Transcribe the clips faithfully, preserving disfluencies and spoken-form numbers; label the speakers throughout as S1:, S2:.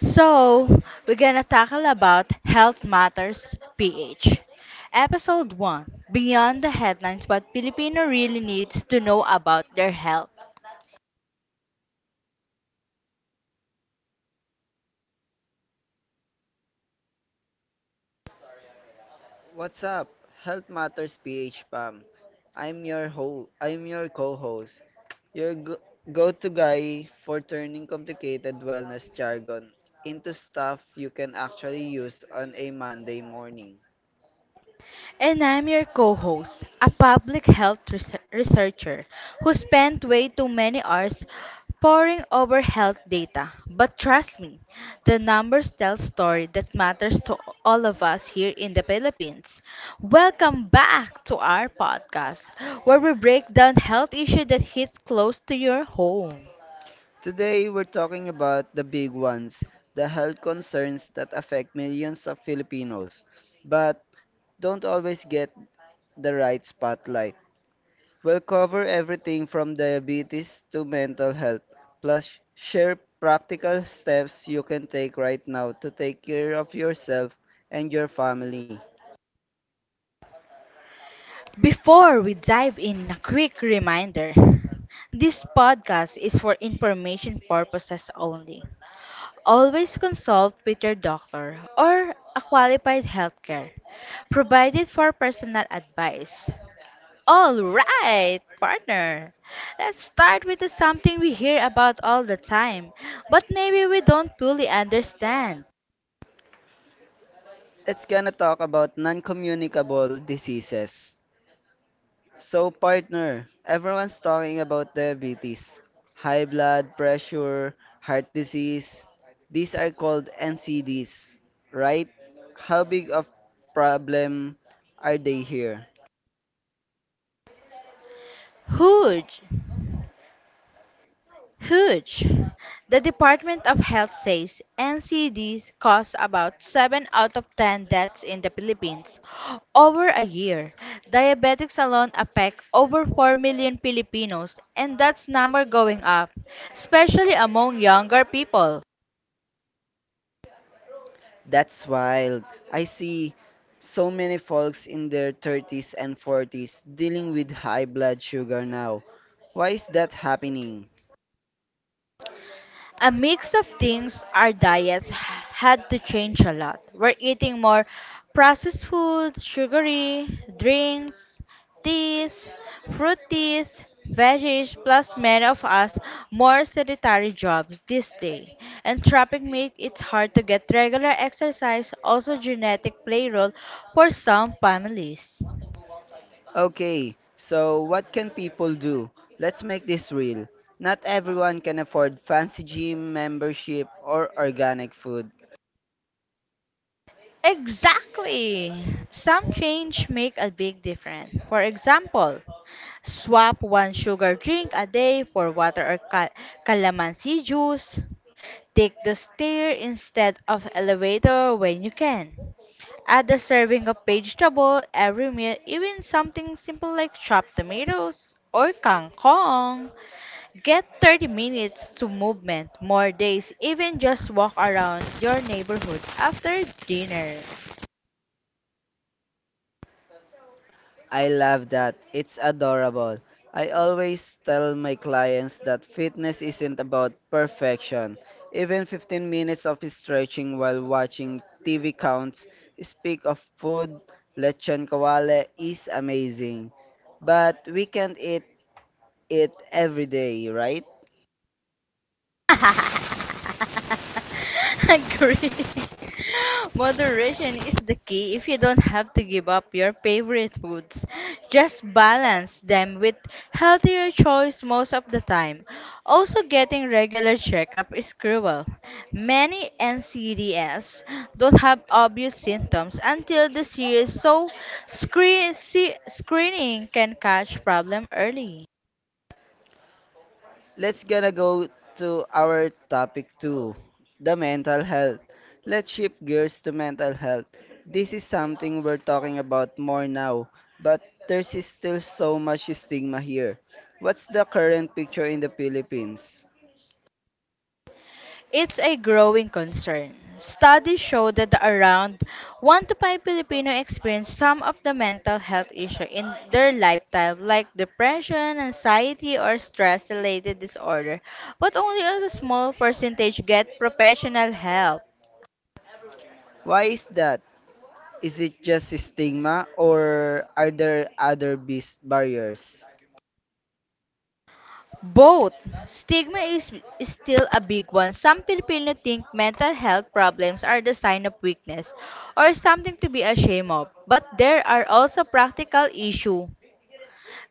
S1: So, we're gonna tackle about Health Matters P H. Episode one: Beyond the Headlines, What Filipino Really Needs to Know About Their Health.
S2: What's up? Health Matters P H Pam. I'm your ho I'm your co-host. Your go- go-to guy for turning complicated wellness jargon into stuff you can actually use on a Monday morning.
S1: And I'm your co host, a public health reser- researcher who spent way too many hours poring over health data. But trust me, the numbers tell story that matters to all of us here in the Philippines. Welcome back to our podcast, where we break down health issues that hits close to your home.
S2: Today we're talking about the big ones, the health concerns that affect millions of Filipinos, but don't always get the right spotlight. We'll cover everything from diabetes to mental health, plus share practical steps you can take right now to take care of yourself and your family.
S1: Before we dive in, a quick reminder. This podcast is for information purposes only. Always consult with your doctor or a qualified healthcare provided for personal advice. All right, partner. Let's start with the something we hear about all the time, but maybe we don't fully understand.
S2: It's gonna talk about non-communicable diseases. So, partner, everyone's talking about diabetes, high blood pressure, heart disease. These are called N C Ds, right? How big of problem are they here?
S1: Huge. Huge. The Department of Health says N C D caused about seven out of ten deaths in the Philippines over a year. Diabetics alone affect over four million Filipinos, and that's number going up, especially among younger people.
S2: That's wild. I see so many folks in their thirties and forties dealing with high blood sugar now. Why is that happening?
S1: A mix of things. Our diets had to change a lot. We're eating more processed food, sugary drinks, teas, fruit teas, veggies, plus many of us more sedentary jobs this day. And traffic make it hard to get regular exercise. Also, genetic play role for some families.
S2: Okay, so what can people do? Let's make this real. Not everyone can afford fancy gym membership or organic food.
S1: Exactly. Some change make a big difference. For example, swap one sugar drink a day for water or ca- calamansi juice. Take the stair instead of elevator when you can. Add a serving of vegetable every meal, even something simple like chopped tomatoes or kangkong. Get thirty minutes to movement more days, even just walk around your neighborhood after dinner.
S2: I love that. It's adorable. I always tell my clients that fitness isn't about perfection. Even fifteen minutes of stretching while watching T V counts. Speak of food, lechon kawale is amazing. But we can't eat it every day, right?
S1: Agree. Moderation is the key if you don't have to give up your favorite foods. Just balance them with healthier choice most of the time. Also getting regular checkup is cruel. Many N C Ds don't have obvious symptoms until the serious, so screen, see, screening can catch problem early.
S2: Let's gonna go to our topic two, the mental health. Let's shift gears to mental health. This is something we're talking about more now, but there's is still so much stigma here. What's the current picture in the Philippines?
S1: It's a growing concern. Studies show that around one to five Filipino experience some of the mental health issues in their lifetime like depression, anxiety, or stress-related disorder, but only a small percentage get professional help.
S2: Why is that? Is it just stigma or are there other bis- barriers?
S1: Both. Stigma is, is still a big one. Some Filipino think mental health problems are the sign of weakness or something to be ashamed of. But there are also practical issues.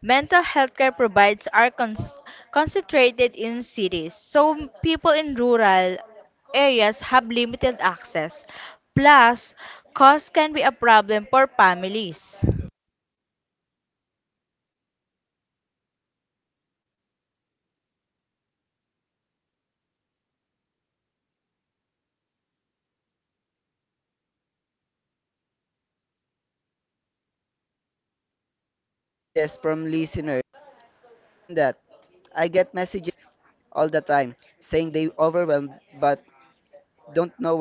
S1: Mental health care provides are cons- concentrated in cities, so people in rural areas have limited access. Plus, cost can be a problem for families.
S2: Yeah, I've seen that. I get messages from listeners Yeah, I've seen that. I get messages from listeners all the time saying they overwhelmed but don't know where to run to turn.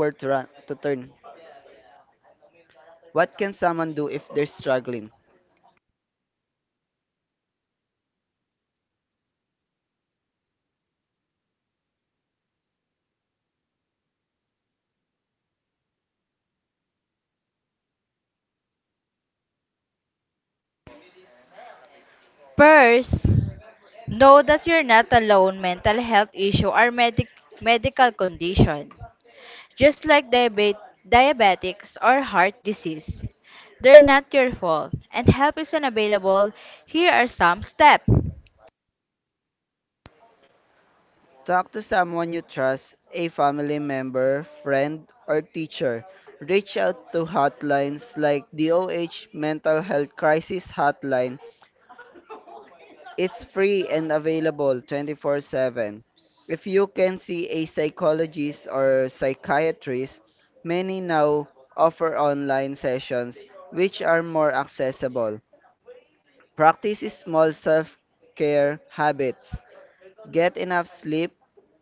S2: What can someone do if they're struggling?
S1: First, know that you're not alone. Mental health issue are medic- medical condition, just like diabet- diabetics or heart disease. They're not your fault, and help is unavailable. Here are some steps.
S2: Talk to someone you trust, a family member, friend, or teacher. Reach out to hotlines like the OH Mental Health Crisis Hotline. It's free and available twenty four seven. If you can see a psychologist or psychiatrist, many now offer online sessions which are more accessible. Practice small self-care habits. Get enough sleep,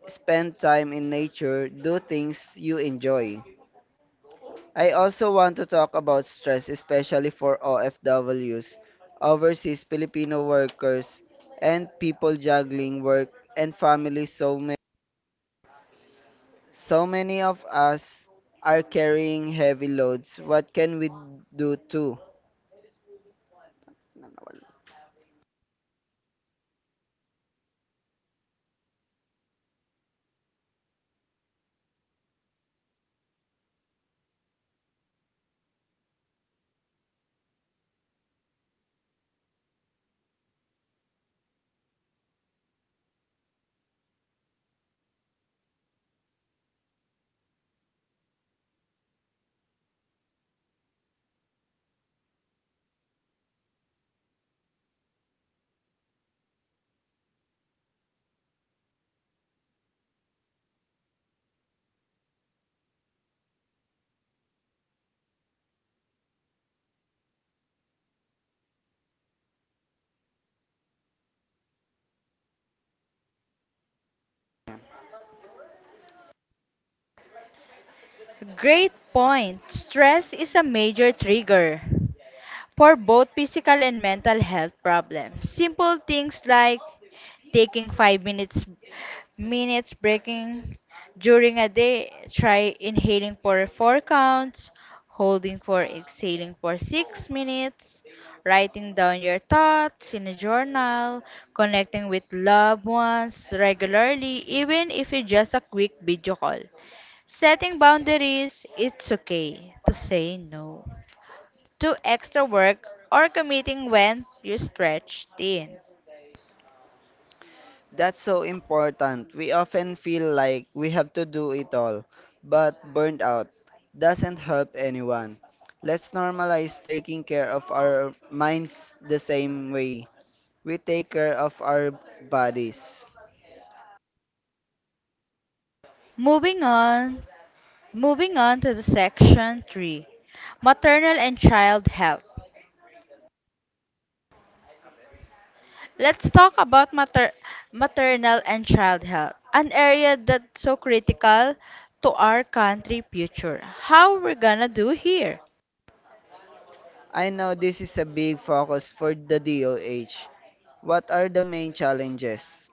S2: spend time in nature, do things you enjoy. I also want to talk about stress, especially for O F Ws, overseas Filipino workers, and people juggling work and family. So many, so many of us are carrying heavy loads. What can we do too?
S1: Great point. Stress is a major trigger for both physical and mental health problems. Simple things like taking five minutes minutes breaking during a day, try inhaling for four counts, holding for exhaling for six minutes, writing down your thoughts in a journal, connecting with loved ones regularly even if it's just a quick video call. Setting boundaries, it's okay to say no to extra work or committing when you're stretched thin.
S2: That's so important. We often feel like we have to do it all, but burnt out doesn't help anyone. Let's normalize taking care of our minds the same way we take care of our bodies.
S1: Moving on, moving on to the section three, maternal and child health. Let's talk about mater- maternal and child health, an area that's so critical to our country future. How we're gonna do here?
S2: I know this is a big focus for the D O H. What are the main challenges?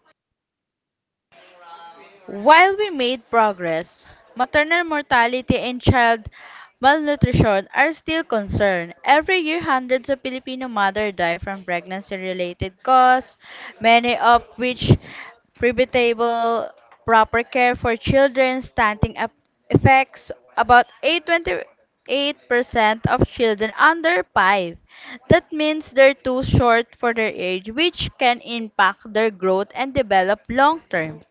S1: While we made progress, maternal mortality and child malnutrition are still concerned. Every year, hundreds of Filipino mothers die from pregnancy-related causes, many of which preventable proper care for children stunting ap- effects. About eight point two eight percent of children under five. That means they're too short for their age, which can impact their growth and develop long term.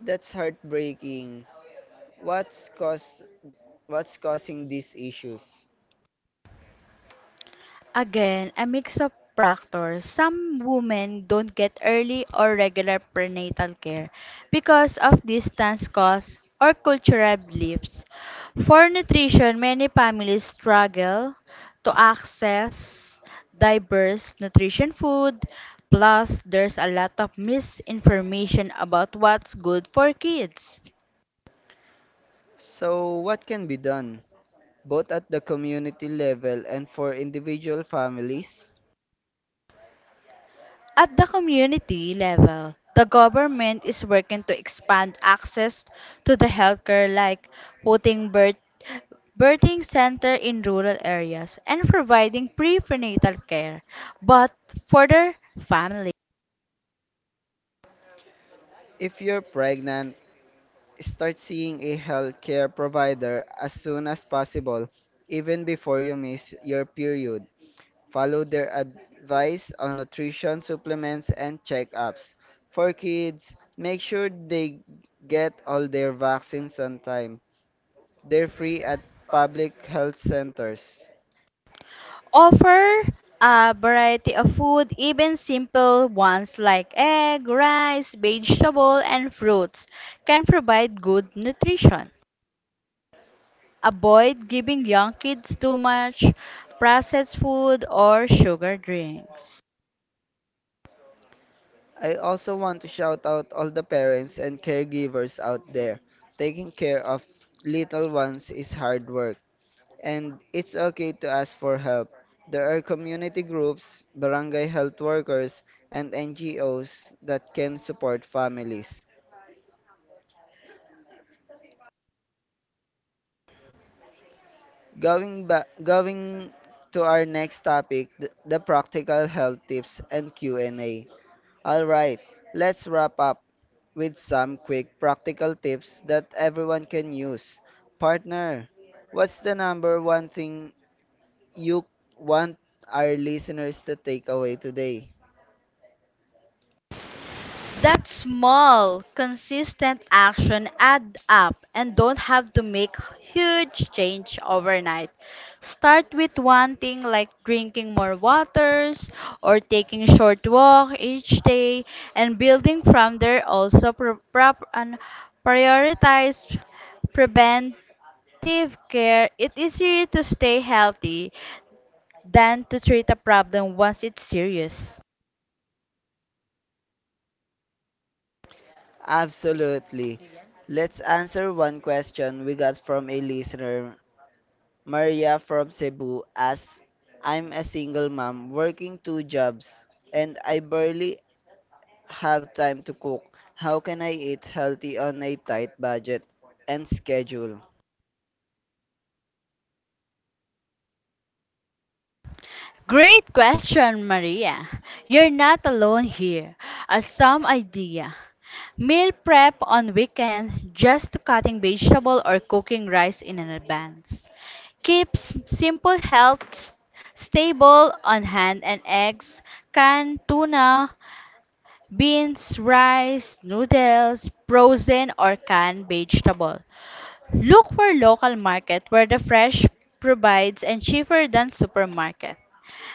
S2: That's heartbreaking. What's cause what's causing these issues?
S1: Again, a mix of factors. Some women don't get early or regular prenatal care because of distance costs or cultural beliefs. For nutrition, many families struggle to access diverse nutrition food. Plus, there's a lot of misinformation about what's good for kids.
S2: So what can be done both at the community level and for individual families?
S1: At the community level, the government is working to expand access to the healthcare, like putting birth birthing center in rural areas and providing prenatal care, but for their family,
S2: If you're pregnant, start seeing a healthcare provider as soon as possible, even before you miss your period. Follow their advice on nutrition supplements and checkups. For kids, make sure they get all their vaccines on time. They're free at public health centers.
S1: offer a variety of food, even simple ones like egg, rice, vegetable, and fruits, can provide good nutrition. Avoid giving young kids too much processed food or sugar drinks.
S2: I also want to shout out all the parents and caregivers out there. Taking care of little ones is hard work, and it's okay to ask for help. There are community groups, barangay health workers, and N G Os that can support families. Going back, going to our next topic, the, the practical health tips and Q and A. All right, let's wrap up with some quick practical tips that everyone can use. Partner, what's the number one thing you want our listeners to take away today?
S1: That small, consistent action add up, and don't have to make huge change overnight. Start with one thing like drinking more waters or taking short walk each day, and building from there. Also pro- prop and prioritize preventive care. It is easier to stay healthy than to treat a problem once it's serious?
S2: Absolutely. Let's answer one question we got from a listener. Maria from Cebu asks, I'm a single mom working two jobs and I barely have time to cook. How can I eat healthy on a tight budget and schedule?
S1: Great question, Maria. You're not alone here. As some idea. Meal prep on weekends, just to cutting vegetable or cooking rice in advance. Keeps simple health s- stable on hand, and eggs, canned tuna, beans, rice, noodles, frozen or canned vegetable. Look for local market where the fresh provides and cheaper than supermarket.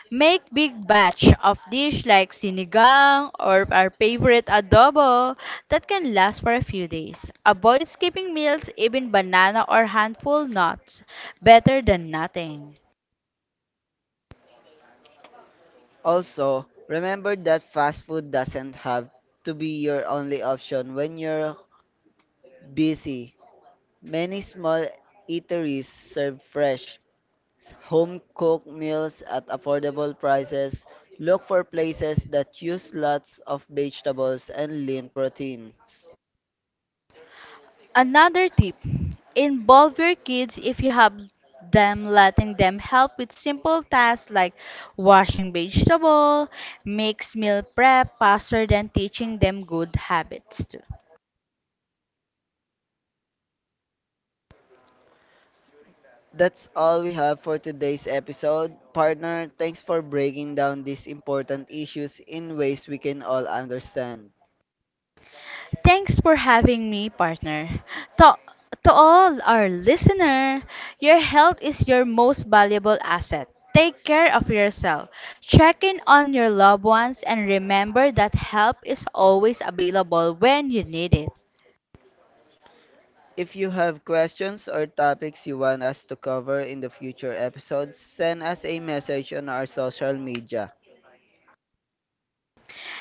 S1: Make big batch of dish like sinigang or our favorite adobo that can last for a few days. Avoid skipping meals, even banana or handful nuts. Better than nothing.
S2: Also, remember that fast food doesn't have to be your only option when you're busy. Many small eateries serve fresh, home cooked meals at affordable prices, look for places that use lots of vegetables and lean proteins.
S1: Another tip, involve your kids if you have them, letting them help with simple tasks like washing vegetable makes meal prep faster than teaching them good habits too.
S2: That's all we have for today's episode. Partner, thanks for breaking down these important issues in ways we can all understand.
S1: Thanks for having me, partner. To, to all our listener, your health is your most valuable asset. Take care of yourself. Check in on your loved ones and remember that help is always available when you need it.
S2: If you have questions or topics you want us to cover in the future episodes, send us a message on our social media.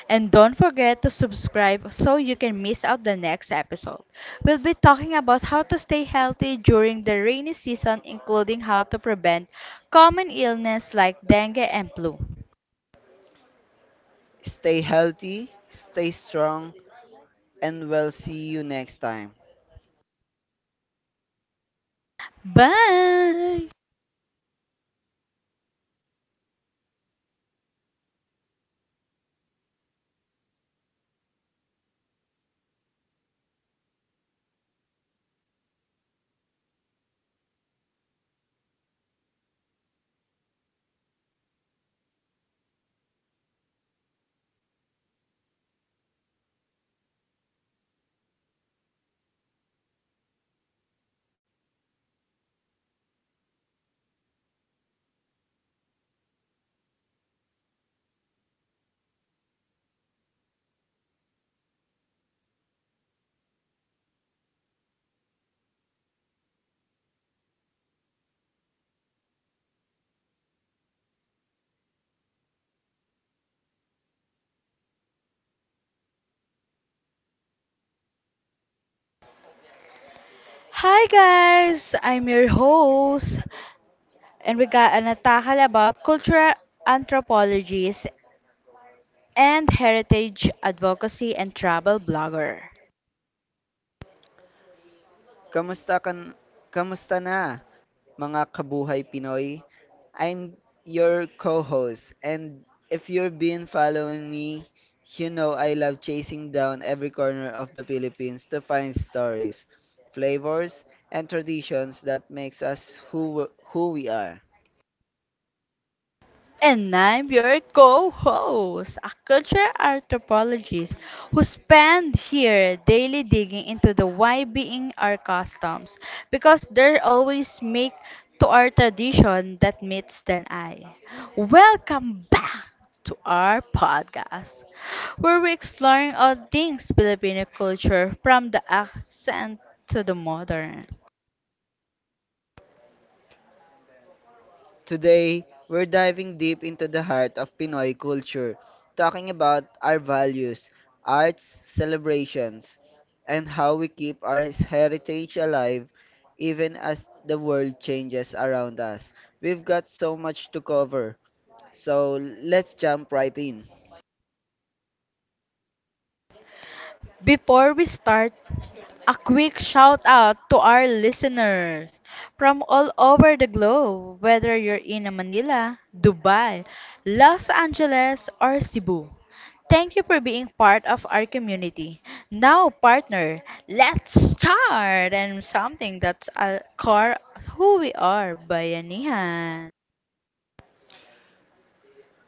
S1: And don't forget to subscribe so you can miss out the next episode. We'll be talking about how to stay healthy during the rainy season, including how to prevent common illness like dengue and flu.
S2: Stay healthy, stay strong, and we'll see you next time.
S1: Bye! Hi guys, I'm your host, and we got an atakal about cultural anthropologies and heritage advocacy and travel blogger.
S2: Kamusta kan kamusta na mga kabuhay Pinoy? I'm your co-host, and if you've been following me, you know I love chasing down every corner of the Philippines to find stories, flavors, and traditions that makes us who who we are.
S1: And I'm your co host, a culture anthropologist who spend here daily digging into the why being our customs because they're always make to our tradition that meets the eye. Welcome back to our podcast, where we're exploring all things Filipino culture from the accent to the modern.
S2: Today, we're diving deep into the heart of Pinoy culture, talking about our values, arts, celebrations, and how we keep our heritage alive even as the world changes around us. We've got so much to cover, so let's jump right in.
S1: Before we start, a quick shout out to our listeners from all over the globe, whether you're in Manila, Dubai, Los Angeles, or Cebu. Thank you for being part of our community. Now, partner, let's start and something that's a core who we are, Bayanihan.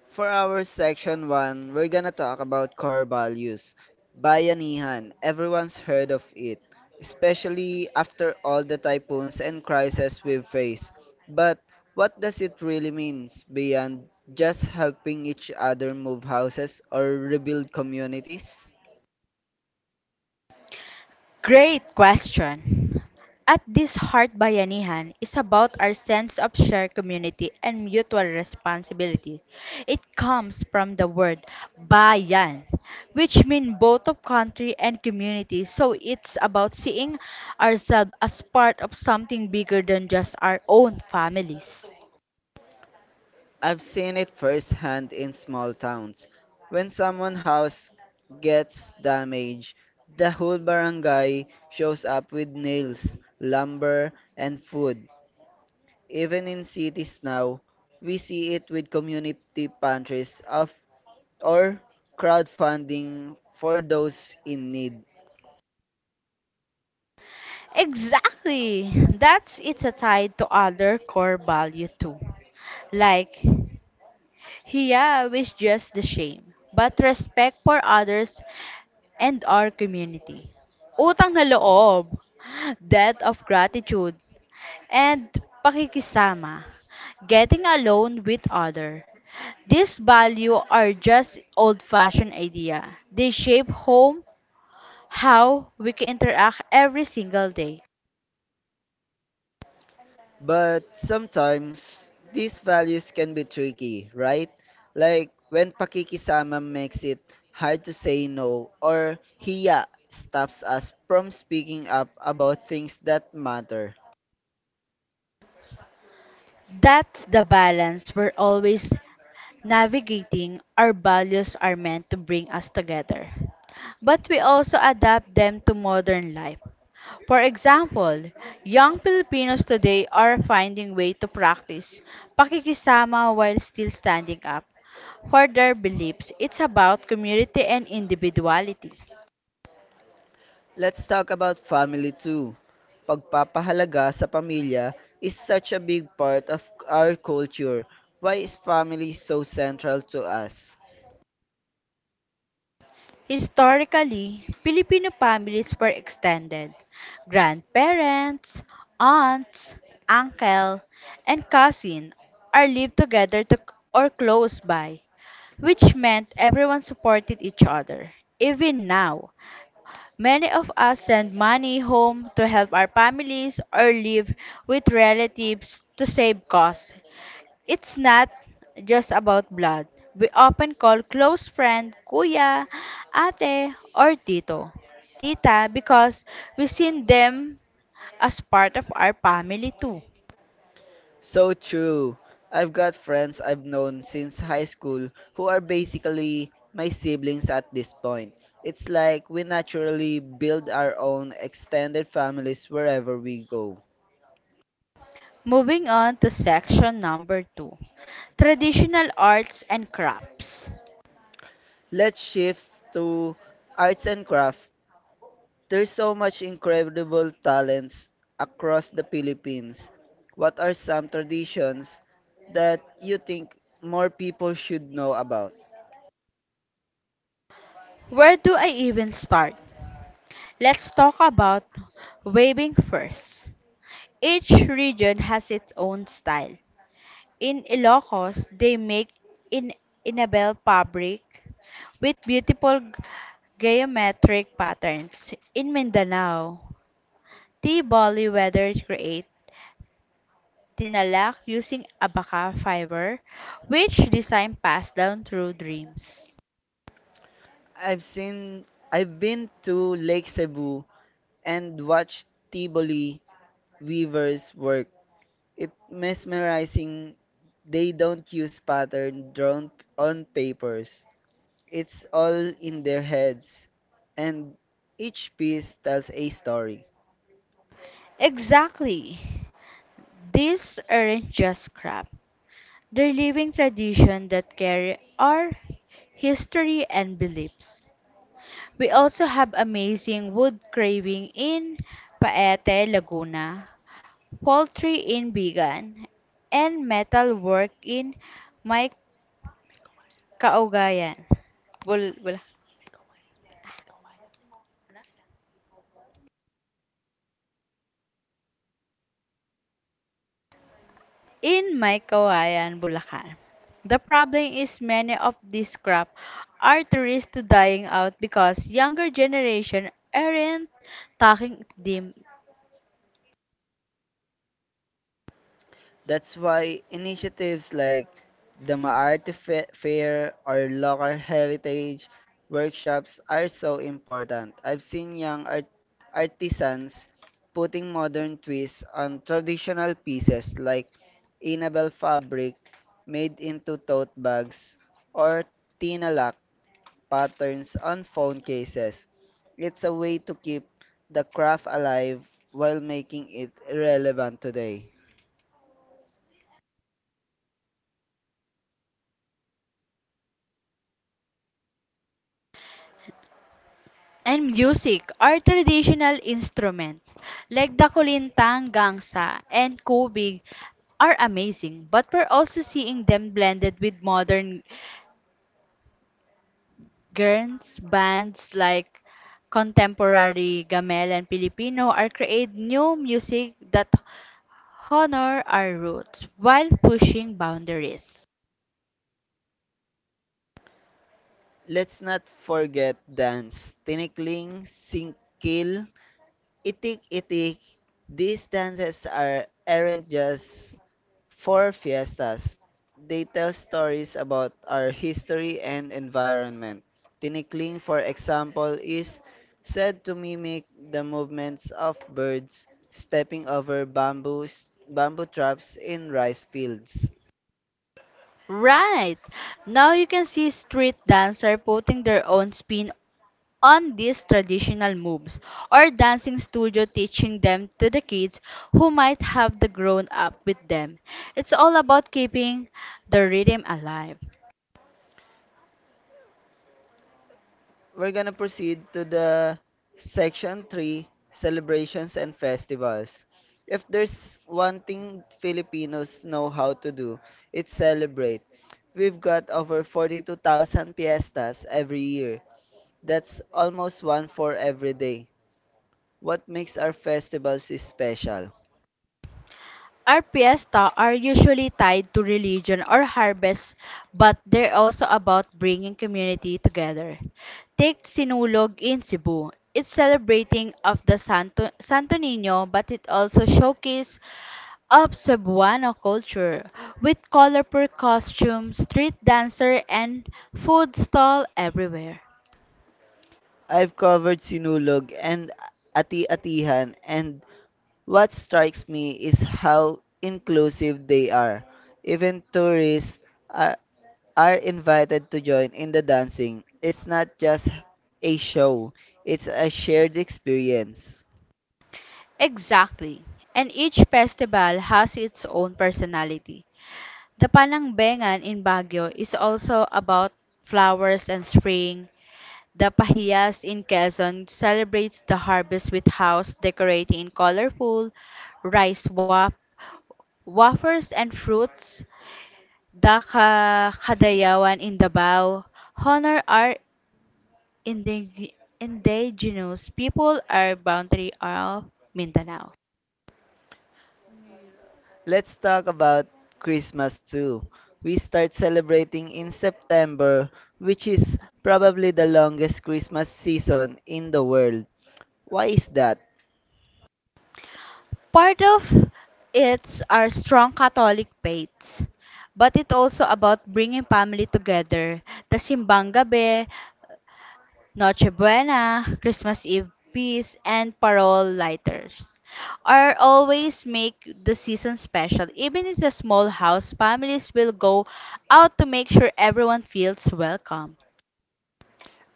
S2: For our section one, we're gonna talk about core values. Bayanihan, everyone's heard of it, especially after all the typhoons and crises we've faced. But what does it really mean beyond just helping each other move houses or rebuild communities?
S1: Great question. At this heart, bayanihan is about our sense of shared community and mutual responsibility. It comes from the word bayan, which means both of country and community. So it's about seeing ourselves as part of something bigger than just our own families.
S2: I've seen it firsthand in small towns. When someone's house gets damaged, the whole barangay shows up with nails, lumber, and food. Even in cities now, we see it with community pantries of, or crowdfunding for those in need.
S1: Exactly. That's it's a tie to other core value too. Like Hiya, with just the shame, but respect for others and our community. Utang na loob, debt of gratitude, and pakikisama, getting alone with other. These value are just old-fashioned idea. They shape home, how we can interact every single day.
S2: But sometimes these values can be tricky, right? Like when pakikisama makes it hard to say no or hiya stops us from speaking up about things that matter.
S1: That's the balance we're always navigating. Our values are meant to bring us together, but we also adapt them to modern life. For example, young Filipinos today are finding way to practice pakikisama while still standing up for their beliefs. It's about community and individuality.
S2: Let's talk about family too. Pagpapahalaga sa pamilya is such a big part of our culture. Why is family so central to us?
S1: Historically, Filipino families were extended. Grandparents, aunts, uncle, and cousin are lived together to, or close by, which meant everyone supported each other. Even now, many of us send money home to help our families or live with relatives to save costs. It's not just about blood. We often call close friend kuya, ate, or tito, tita because we seen them as part of our family too.
S2: So true. I've got friends I've known since high school who are basically my siblings at this point. It's like we naturally build our own extended families wherever we go.
S1: Moving on to section number two, traditional arts and crafts.
S2: Let's shift to arts and craft. There's so much incredible talents across the Philippines. What are some traditions that you think more people should know about?
S1: Where do I even start? Let's talk about weaving first. Each region has its own style. In Ilocos, they make in inabel fabric with beautiful g- geometric patterns. In Mindanao, T-Boli weavers create tinalak using abaca fiber, which design passed down through dreams.
S2: I've seen I've been to Lake Cebu and watch Tivoli weavers work. It's mesmerizing. They don't use pattern drawn on papers. It's all in their heads, and each piece tells a story.
S1: Exactly. These aren't just crap. They're living tradition that carry our history and beliefs. We also have amazing wood carving in Paete, Laguna, poultry in Bigan, and metal work in May Kaugayan, Bul- Bula- in May Kaugayan, Bulacan. The problem is many of these crop are tourists dying out because younger generation aren't taking them,
S2: That's why initiatives like the Maarte Fe- Fair or local heritage workshops are so important. I've seen young art- artisans putting modern twists on traditional pieces like Inabel fabric made into tote bags or tinalak patterns on phone cases. It's a way to keep the craft alive while making it relevant today.
S1: and music are traditional instruments like the kulintang, gangsa, and kubig are amazing, but we're also seeing them blended with modern girls bands like contemporary gamel and Filipino are create new music that honor our roots while pushing boundaries.
S2: Let's not forget dance, tinikling, singkil, itik itik. These dances are aren't just for fiestas. They tell stories about our history and environment. Tinikling, for example, is said to mimic the movements of birds stepping over bamboo, bamboo traps in rice fields.
S1: Right. Now you can see street dancers putting their own spin on these traditional moves or dancing studio teaching them to the kids who might have the grown up with them. It's all about keeping the rhythm alive.
S2: We're gonna proceed to the section three celebrations and festivals. If there's one thing Filipinos know how to do, it's celebrate. We've got over forty-two thousand fiestas every year. That's almost one for every day. What makes our festivals special?
S1: Our fiesta are usually tied to religion or harvest, but they're also about bringing community together. Take Sinulog in Cebu. It's celebrating of the Santo, Santo Niño, but it also showcases of Cebuano culture with colorful costumes, street dancer, and food stall everywhere.
S2: I've covered Sinulog and Ati-Atihan, and what strikes me is how inclusive they are. Even tourists are, are invited to join in the dancing. It's not just a show, it's a shared experience.
S1: Exactly. And each festival has its own personality. The Panangbengan in Baguio is also about flowers and spring. The Pahiyas in Quezon celebrates the harvest with house decorating in colorful rice wap, wafers and fruits. The Ka- Kadayawan in Davao honor our indig- indigenous people are boundary of Mindanao.
S2: Let's talk about Christmas too. We start celebrating in September, which is probably the longest Christmas season in the world. Why is that?
S1: Part of it's our strong Catholic faiths, but it's also about bringing family together. The Simbang Gabi, Noche Buena, Christmas Eve Peace, and Parol Lighters are always make the season special. Even in the small house, families will go out to make sure everyone feels welcome.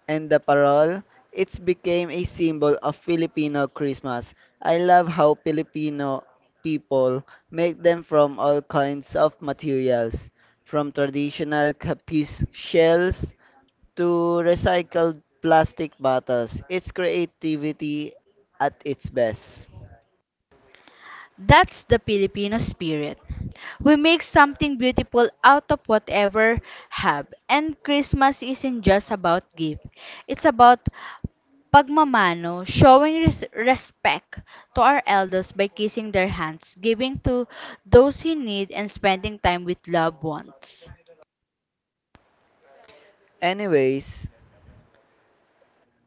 S2: And the parol, it's became a symbol of Filipino Christmas. I love how Filipino people make them from all kinds of materials, from traditional capiz shells to recycled plastic bottles. It's creativity at its best.
S1: That's the Filipino spirit. We make something beautiful out of whatever have. And Christmas isn't just about gift. It's about pagmamano, showing res- respect to our elders by kissing their hands, giving to those in need and spending time with loved ones.
S2: Anyways,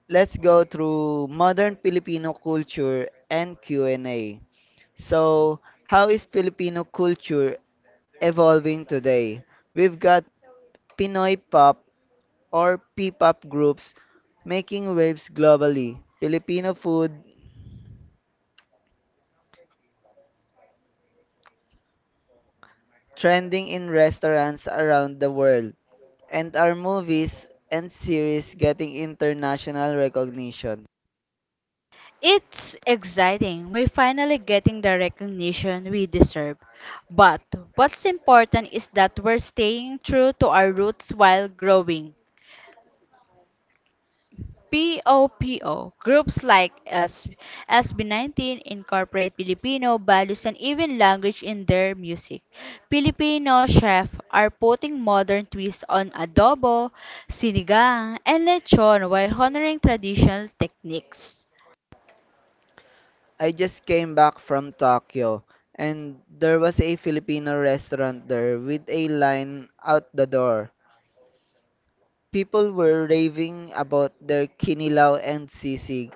S2: let's go through modern Filipino culture and Q and A. So, how is Filipino culture evolving today? We've got Pinoy pop or P-pop groups making waves globally, Filipino food trending in restaurants around the world, and our movies and series getting international recognition.
S1: It's exciting. We're finally getting the recognition we deserve. But what's important is that we're staying true to our roots while growing. POPO. Groups like S- SB19 incorporate Filipino values and even language in their music. Filipino chefs are putting modern twists on adobo, sinigang, and lechon while honoring traditional techniques.
S2: I just came back from Tokyo and there was a Filipino restaurant there with a line out the door. People were raving about their kinilaw and sisig.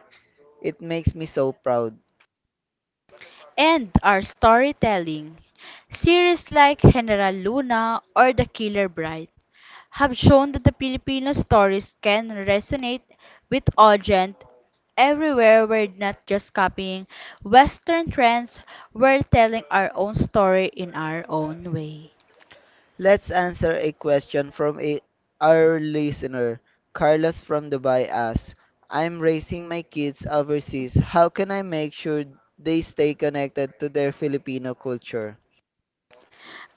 S2: It makes me so proud.
S1: And our storytelling. Series like General Luna or The Killer Bride have shown that the Filipino stories can resonate with audience everywhere. We're not just copying Western trends, we're telling our own story in our own way.
S2: Let's answer a question from a, our listener. Carlos from Dubai asks, I'm raising my kids overseas. How can I make sure they stay connected to their Filipino culture?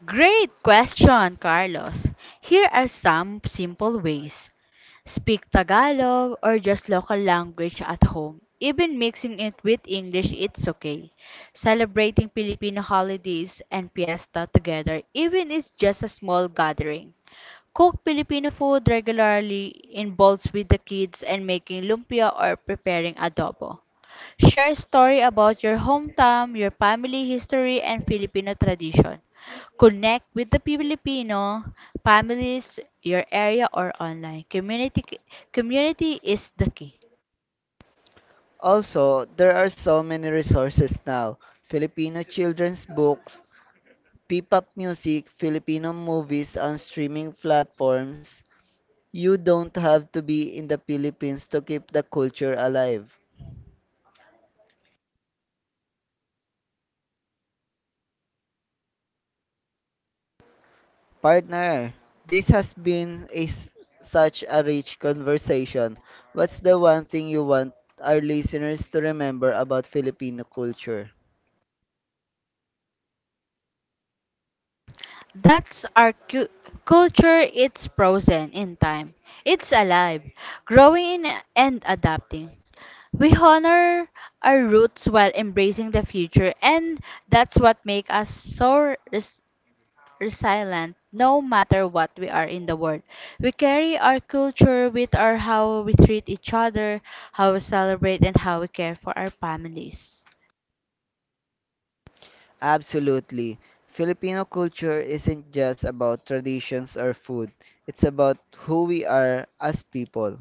S1: Great question, Carlos. Here are some simple ways. Speak Tagalog or just local language at home. Even mixing it with English, it's okay. Celebrating Filipino holidays and fiesta together, even if it's just a small gathering. Cook Filipino food regularly in bowls with the kids and making lumpia or preparing adobo. Share story about your hometown, your family history, and Filipino tradition. Connect with the Filipino families, your area, or online. Community, community is the key.
S2: Also, there are so many resources now, Filipino children's books, P-pop music, Filipino movies on streaming platforms. You don't have to be in the Philippines to keep the culture alive. Partner, this has been a, s- such a rich conversation. What's the one thing you want our listeners to remember about Filipino culture?
S1: That's our cu- culture. It's frozen in time. It's alive, growing in- and adapting. We honor our roots while embracing the future, and that's what makes us so res- resilient no matter what we are in the world. We carry our culture with our how we treat each other, how we celebrate, and how we care for our families.
S2: Absolutely. Filipino culture isn't just about traditions or food, it's about who we are as people.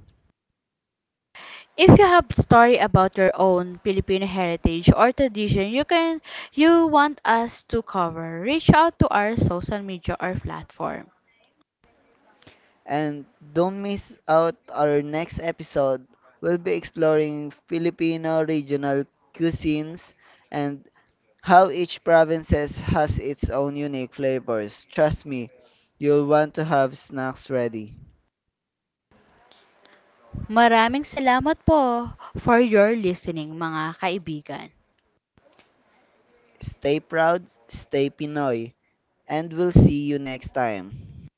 S1: If you have story about your own Filipino heritage or tradition you can you want us to cover, reach out to our social media or platform.
S2: And don't miss out our next episode. We'll be exploring Filipino regional cuisines and how each provinces has its own unique flavors. Trust me, you'll want to have snacks ready.
S1: Maraming salamat po for your listening mga kaibigan.
S2: Stay proud, stay Pinoy, and we'll see you next time.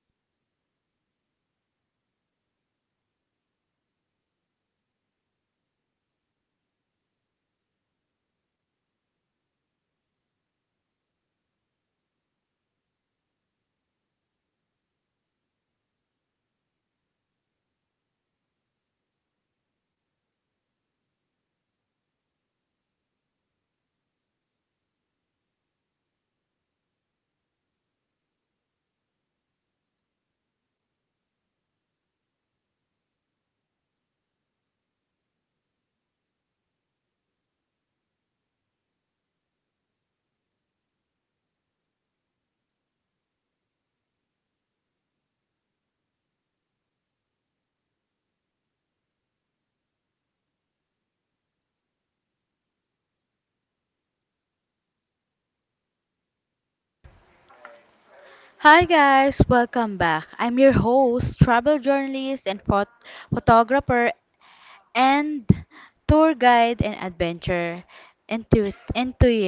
S1: Hi guys, welcome back. I'm your host, travel journalist and phot- photographer and tour guide and adventure enthusiast.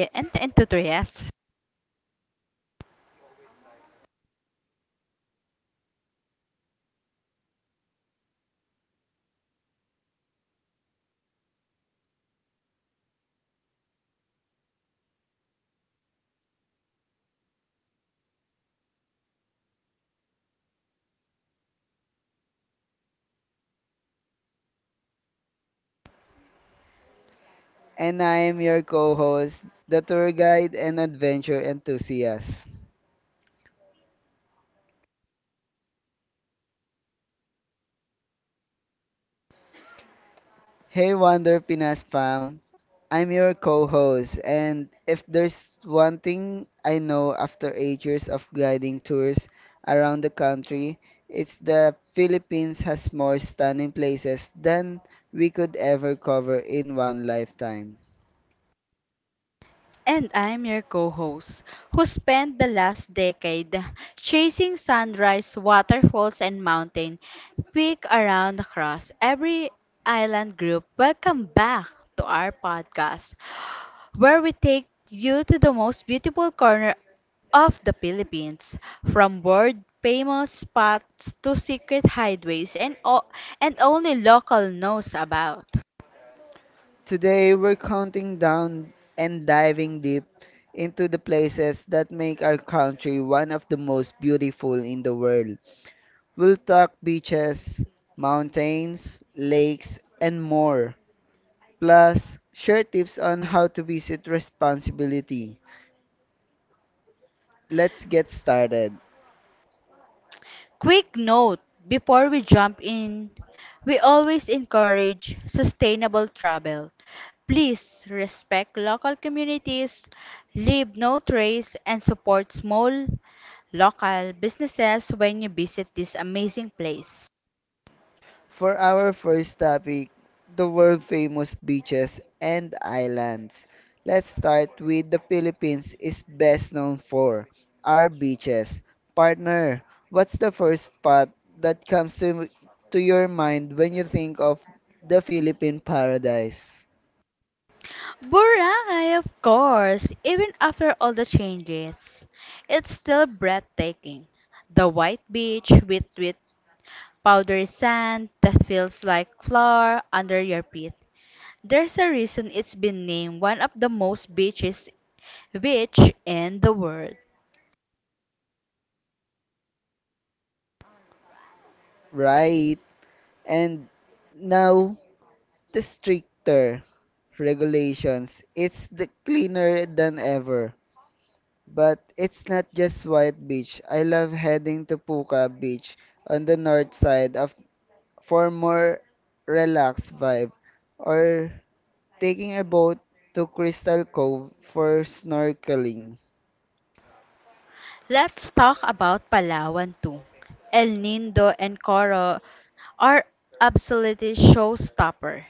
S2: And I am your co-host, the tour guide and adventure enthusiast. Hey Wonder Pinas Pam, I'm your co-host, and if there's one thing I know after eight years of guiding tours around the country, it's the Philippines has more stunning places than we could ever cover in one lifetime.
S1: And I'm your co host, who spent the last decade chasing sunrise, waterfalls, and mountain peak around across every island group. Welcome back to our podcast, where we take you to the most beautiful corner of the Philippines, from world famous spots to secret hideaways and, o- and only local knows about.
S2: Today, we're counting down and diving deep into the places that make our country one of the most beautiful in the world. We'll talk beaches, mountains, lakes, and more. Plus, share tips on how to visit responsibility. Let's get started.
S1: Quick note before we jump in, we always encourage sustainable travel. Please respect local communities, leave no trace, and support small local businesses when you visit this amazing place.
S2: For our first topic, the world famous beaches and islands. Let's start with the Philippines is best known for our beaches. Partner, what's the first spot that comes to, to your mind when you think of the Philippine paradise?
S1: Boracay, of course, even after all the changes, it's still breathtaking. The white beach with, with powdery sand that feels like flour under your feet. There's a reason it's been named one of the most beaches beach in the world.
S2: Right. And now, the stricter regulations. It's the cleaner than ever. But it's not just White Beach. I love heading to Puka Beach on the north side of for more relaxed vibe or taking a boat to Crystal Cove for snorkeling.
S1: Let's talk about Palawan too. El Nido and Coro are absolutely showstopper.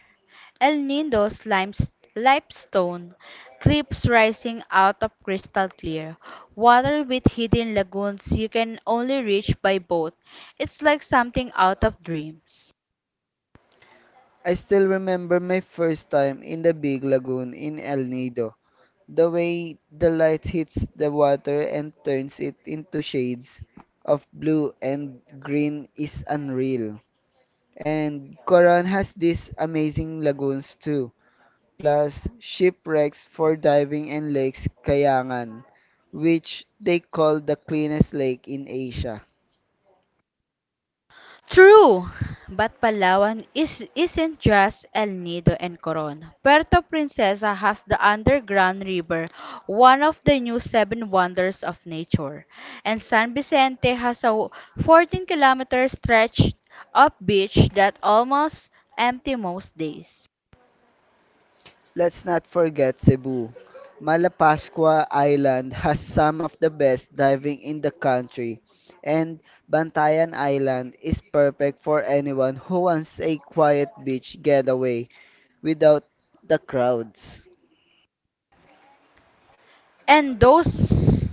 S1: El Nindo's limes- limestone cliffs rising out of crystal clear water with hidden lagoons you can only reach by boat. It's like something out of dreams.
S2: I still remember my first time in the big lagoon in El Nido. The way the light hits the water and turns it into shades of blue and green is unreal. And Coron has these amazing lagoons too, plus shipwrecks for diving and lakes Kayangan, which they call the cleanest lake in Asia.
S1: True, but Palawan is isn't just El Nido and Coron. Puerto Princesa has the underground river, one of the new seven wonders of nature, and San Vicente has a fourteen-kilometer stretch of beach that almost empty most days.
S2: Let's not forget Cebu. Malapascua Island has some of the best diving in the country, and Bantayan Island is perfect for anyone who wants a quiet beach getaway without the crowds.
S1: And those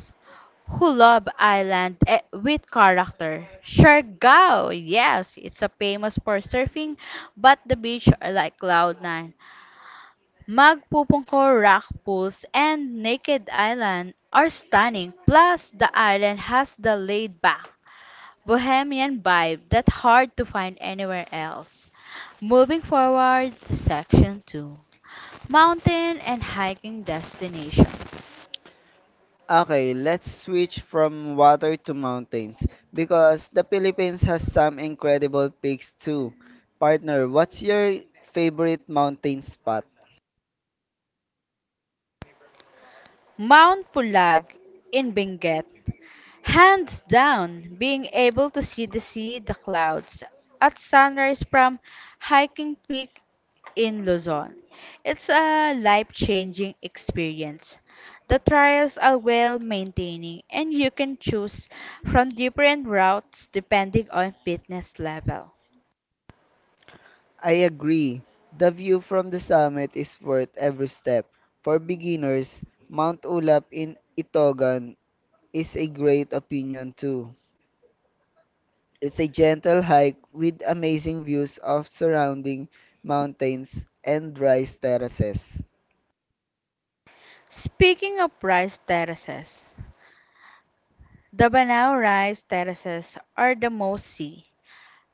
S1: who love island eh, with character. Siargao, yes, it's a famous for surfing, but the beach are like cloud nine. Magpupungko rock pools and naked island are stunning, plus the island has the laid-back, bohemian vibe that's hard to find anywhere else. Moving forward to section two, mountain and hiking destination.
S2: Okay, let's switch from water to mountains because the Philippines has some incredible peaks too. Partner, what's your favorite mountain spot?
S1: Mount Pulag in Benguet. Hands down, being able to see the sea, the clouds at sunrise from hiking peak in Luzon. It's a life changing experience. The trials are well maintaining, and you can choose from different routes depending on fitness level.
S2: I agree. The view from the summit is worth every step. For beginners, Mount Ulap in Itogan is a great option too. It's a gentle hike with amazing views of surrounding mountains and dry terraces.
S1: Speaking of rice terraces, the Banao rice terraces are the most see,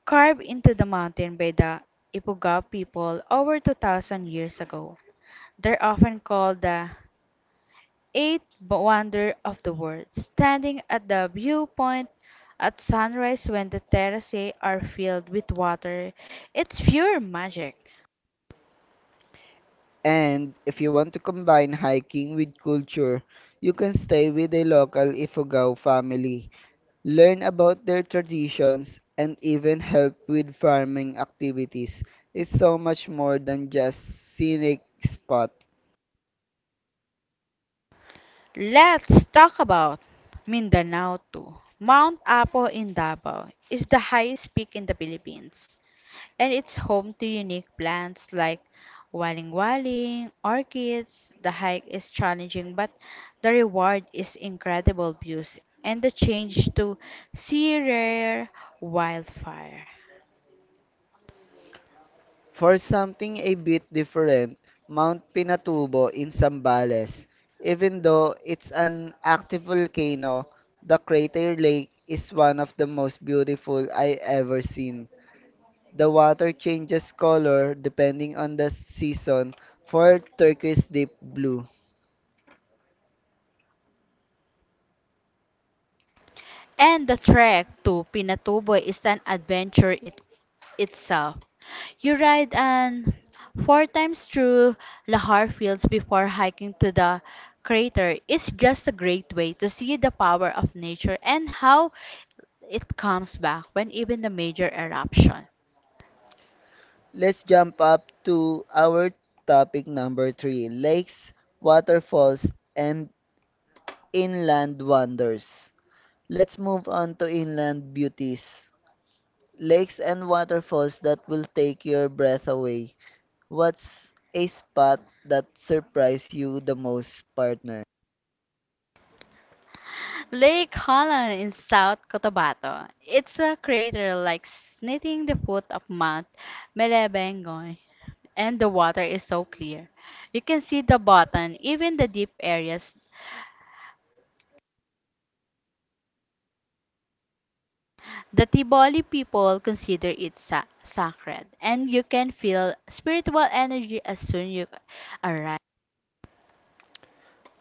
S1: carved into the mountain by the Ifugao people over two thousand years ago. They're often called the eighth wonder of the world, standing at the viewpoint at sunrise when the terraces are filled with water. It's pure magic.
S2: And if you want to combine hiking with culture, you can stay with a local Ifugao family, learn about their traditions, and even help with farming activities. It's so much more than just scenic spot.
S1: Let's talk about Mindanao too. Mount Apo in Davao is the highest peak in the Philippines, and it's home to unique plants like waling waling, orchids. The hike is challenging, but the reward is incredible views and the change to sea rare wildfire.
S2: For something a bit different, Mount Pinatubo in Zambales. Even though it's an active volcano, the crater lake is one of the most beautiful I ever seen. The water changes color depending on the season for turquoise deep blue.
S1: And the trek to Pinatubo is an adventure it, itself. You ride an four times through Lahar Fields before hiking to the crater. It's just a great way to see the power of nature and how it comes back when even the major eruption.
S2: Let's jump up to our topic number three, lakes, waterfalls, and inland wonders. Let's move on to inland beauties. Lakes and waterfalls that will take your breath away. What's a spot that surprised you the most, partner?
S1: Lake Holland in South Cotabato. It's a crater like sniffing the foot of Mount Melebengo, and the water is so clear. You can see the bottom, even the deep areas. The Tiboli people consider it sa- sacred, and you can feel spiritual energy as soon you arrive.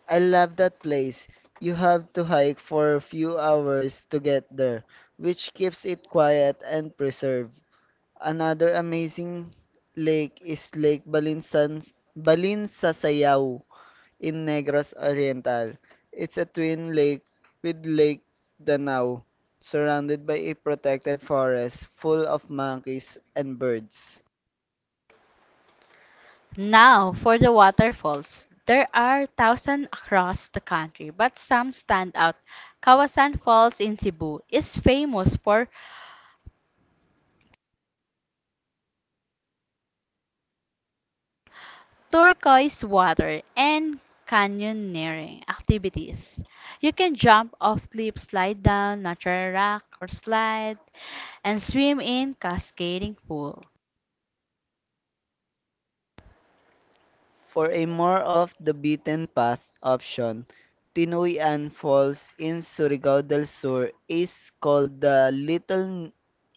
S2: I love that place. You have to hike for a few hours to get there, which keeps it quiet and preserved. Another amazing lake is Lake Balinsan, Balinsasayaw in Negros Oriental. It's a twin lake with Lake Danau, surrounded by a protected forest full of monkeys and birds.
S1: Now, for the waterfalls. There are thousands across the country, but some stand out. Kawasan Falls in Cebu is famous for turquoise water, and canyoneering activities. You can jump off cliffs, slide down natural rock or slide, and swim in cascading pool.
S2: For a more off the beaten path option, Tinoyan Falls in Surigao del Sur is called the Little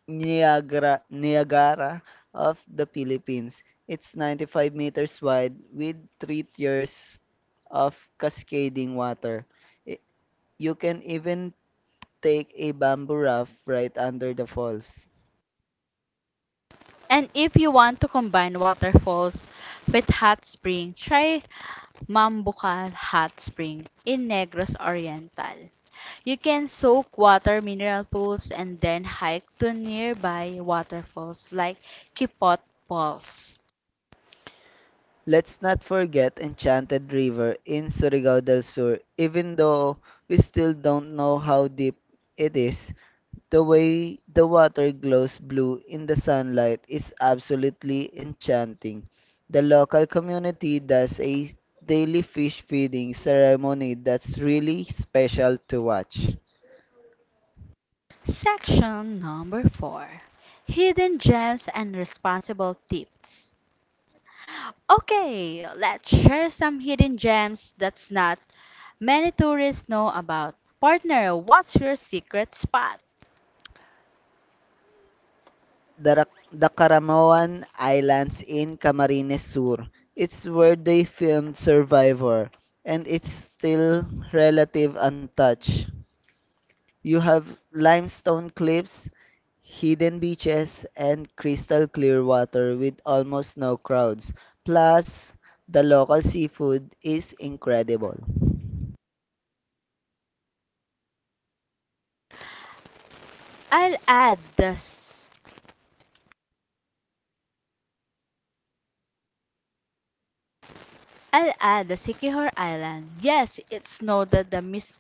S2: Niagara, Niagara of the Philippines. It's ninety-five meters wide with three tiers of cascading water. I- You can even take a bamboo raft right under the falls.
S1: And if you want to combine waterfalls with hot spring, try Mambucal Hot Spring in Negros Oriental. You can soak water mineral pools and then hike to nearby waterfalls like Kipot Falls.
S2: Let's not forget Enchanted River in Surigao del Sur. Even though we still don't know how deep it is, the way the water glows blue in the sunlight is absolutely enchanting. The local community does a daily fish feeding ceremony that's really special to watch.
S1: Section number four, Hidden Gems and Responsible Tips. Okay, let's share some hidden gems that's not many tourists know about. Partner, what's your secret spot?
S2: the, Ra- the Caramoan Islands in Camarines Sur. It's where they filmed Survivor, and it's still relative untouched. You have limestone cliffs, hidden beaches, and crystal clear water with almost no crowds. Plus, the local seafood is incredible.
S1: I'll add the i I'll add the Sikihor Island. Yes, it's noted the mis-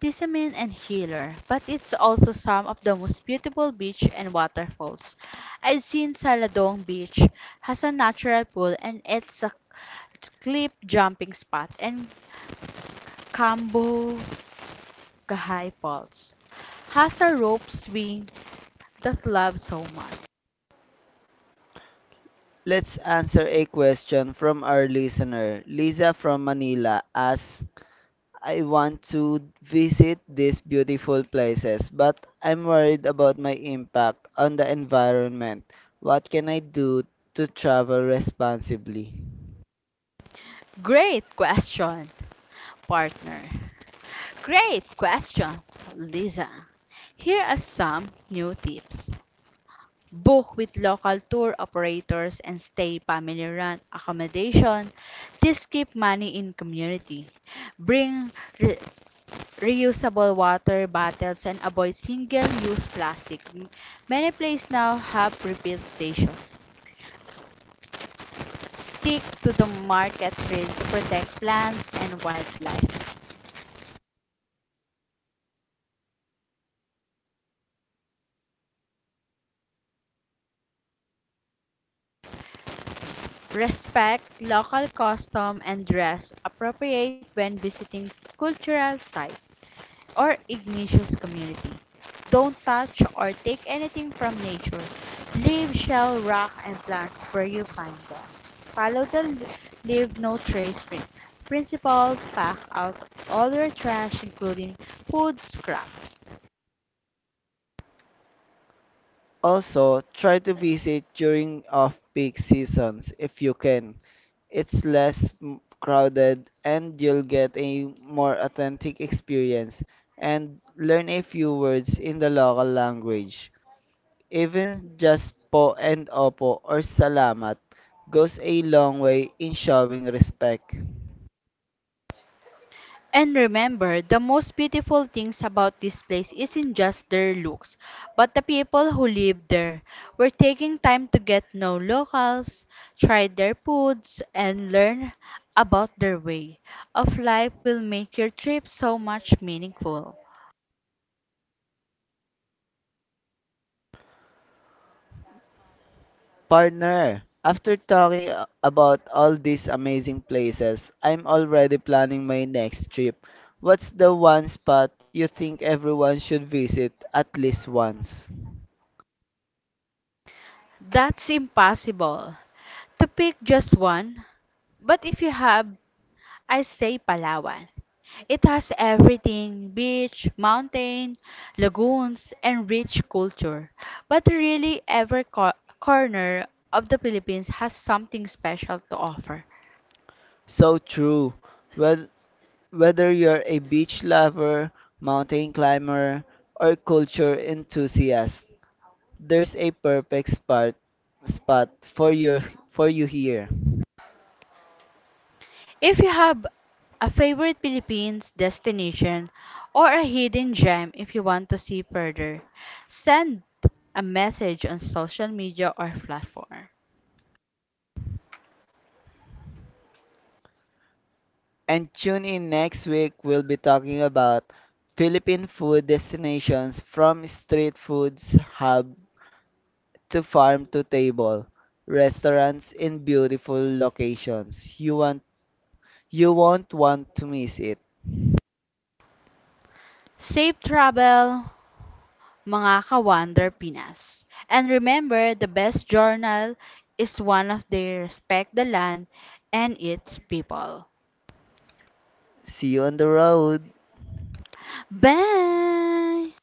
S1: Tizimin and healer, but it's also some of the most beautiful beach and waterfalls. I've seen Saladong Beach has a natural pool and it's a cliff jumping spot, and Cambo Gahay Falls has a rope swing that love so much.
S2: Let's answer a question from our listener. Lisa from Manila asks, I want to visit these beautiful places, but I'm worried about my impact on the environment. What can I do to travel responsibly?
S1: Great question, partner. Great question, Lisa. Here are some new tips. Book with local tour operators and stay family run accommodation. This keep money in community. Bring re- reusable water bottles and avoid single use plastic. M- many places now have refill stations. Stick to the market trail to protect plants and wildlife. Respect local custom and dress appropriate when visiting cultural sites or igneous community. Don't touch or take anything from nature. Leave shell, rock, and plants where you find them. Follow the leave no trace print. Principle pack out all your trash, including food scraps.
S2: Also, try to visit during off-peak seasons if you can. It's less m- crowded and you'll get a more authentic experience, and learn a few words in the local language. Even just po and opo or salamat goes a long way in showing respect.
S1: And remember, the most beautiful things about this place isn't just their looks, but the people who live there. We're taking time to get to know locals, try their foods, and learn about their way of life will make your trip so much meaningful.
S2: Partner, after talking a- about all these amazing places, I'm already planning my next trip. What's the one spot you think everyone should visit at least once?
S1: That's impossible to pick just one, but if you have I say Palawan. It has everything beach, mountain, lagoons, and rich culture. But really, every co- corner of the Philippines has something special to offer.
S2: So true. Whe- Whether you're a beach lover, mountain climber, or culture enthusiast, there's a perfect spot spot for your for you here.
S1: If you have a favorite Philippines destination or a hidden gem if you want to see further, send a message on social media or platform.
S2: And tune in next week, we'll be talking about Philippine food destinations, from street foods hub to farm to table restaurants in beautiful locations. You want you won't want to miss it.
S1: Safe travel. Mga ka Pinas. And remember, the best journal is one of they respect the land and its people.
S2: See you on the road.
S1: Bye!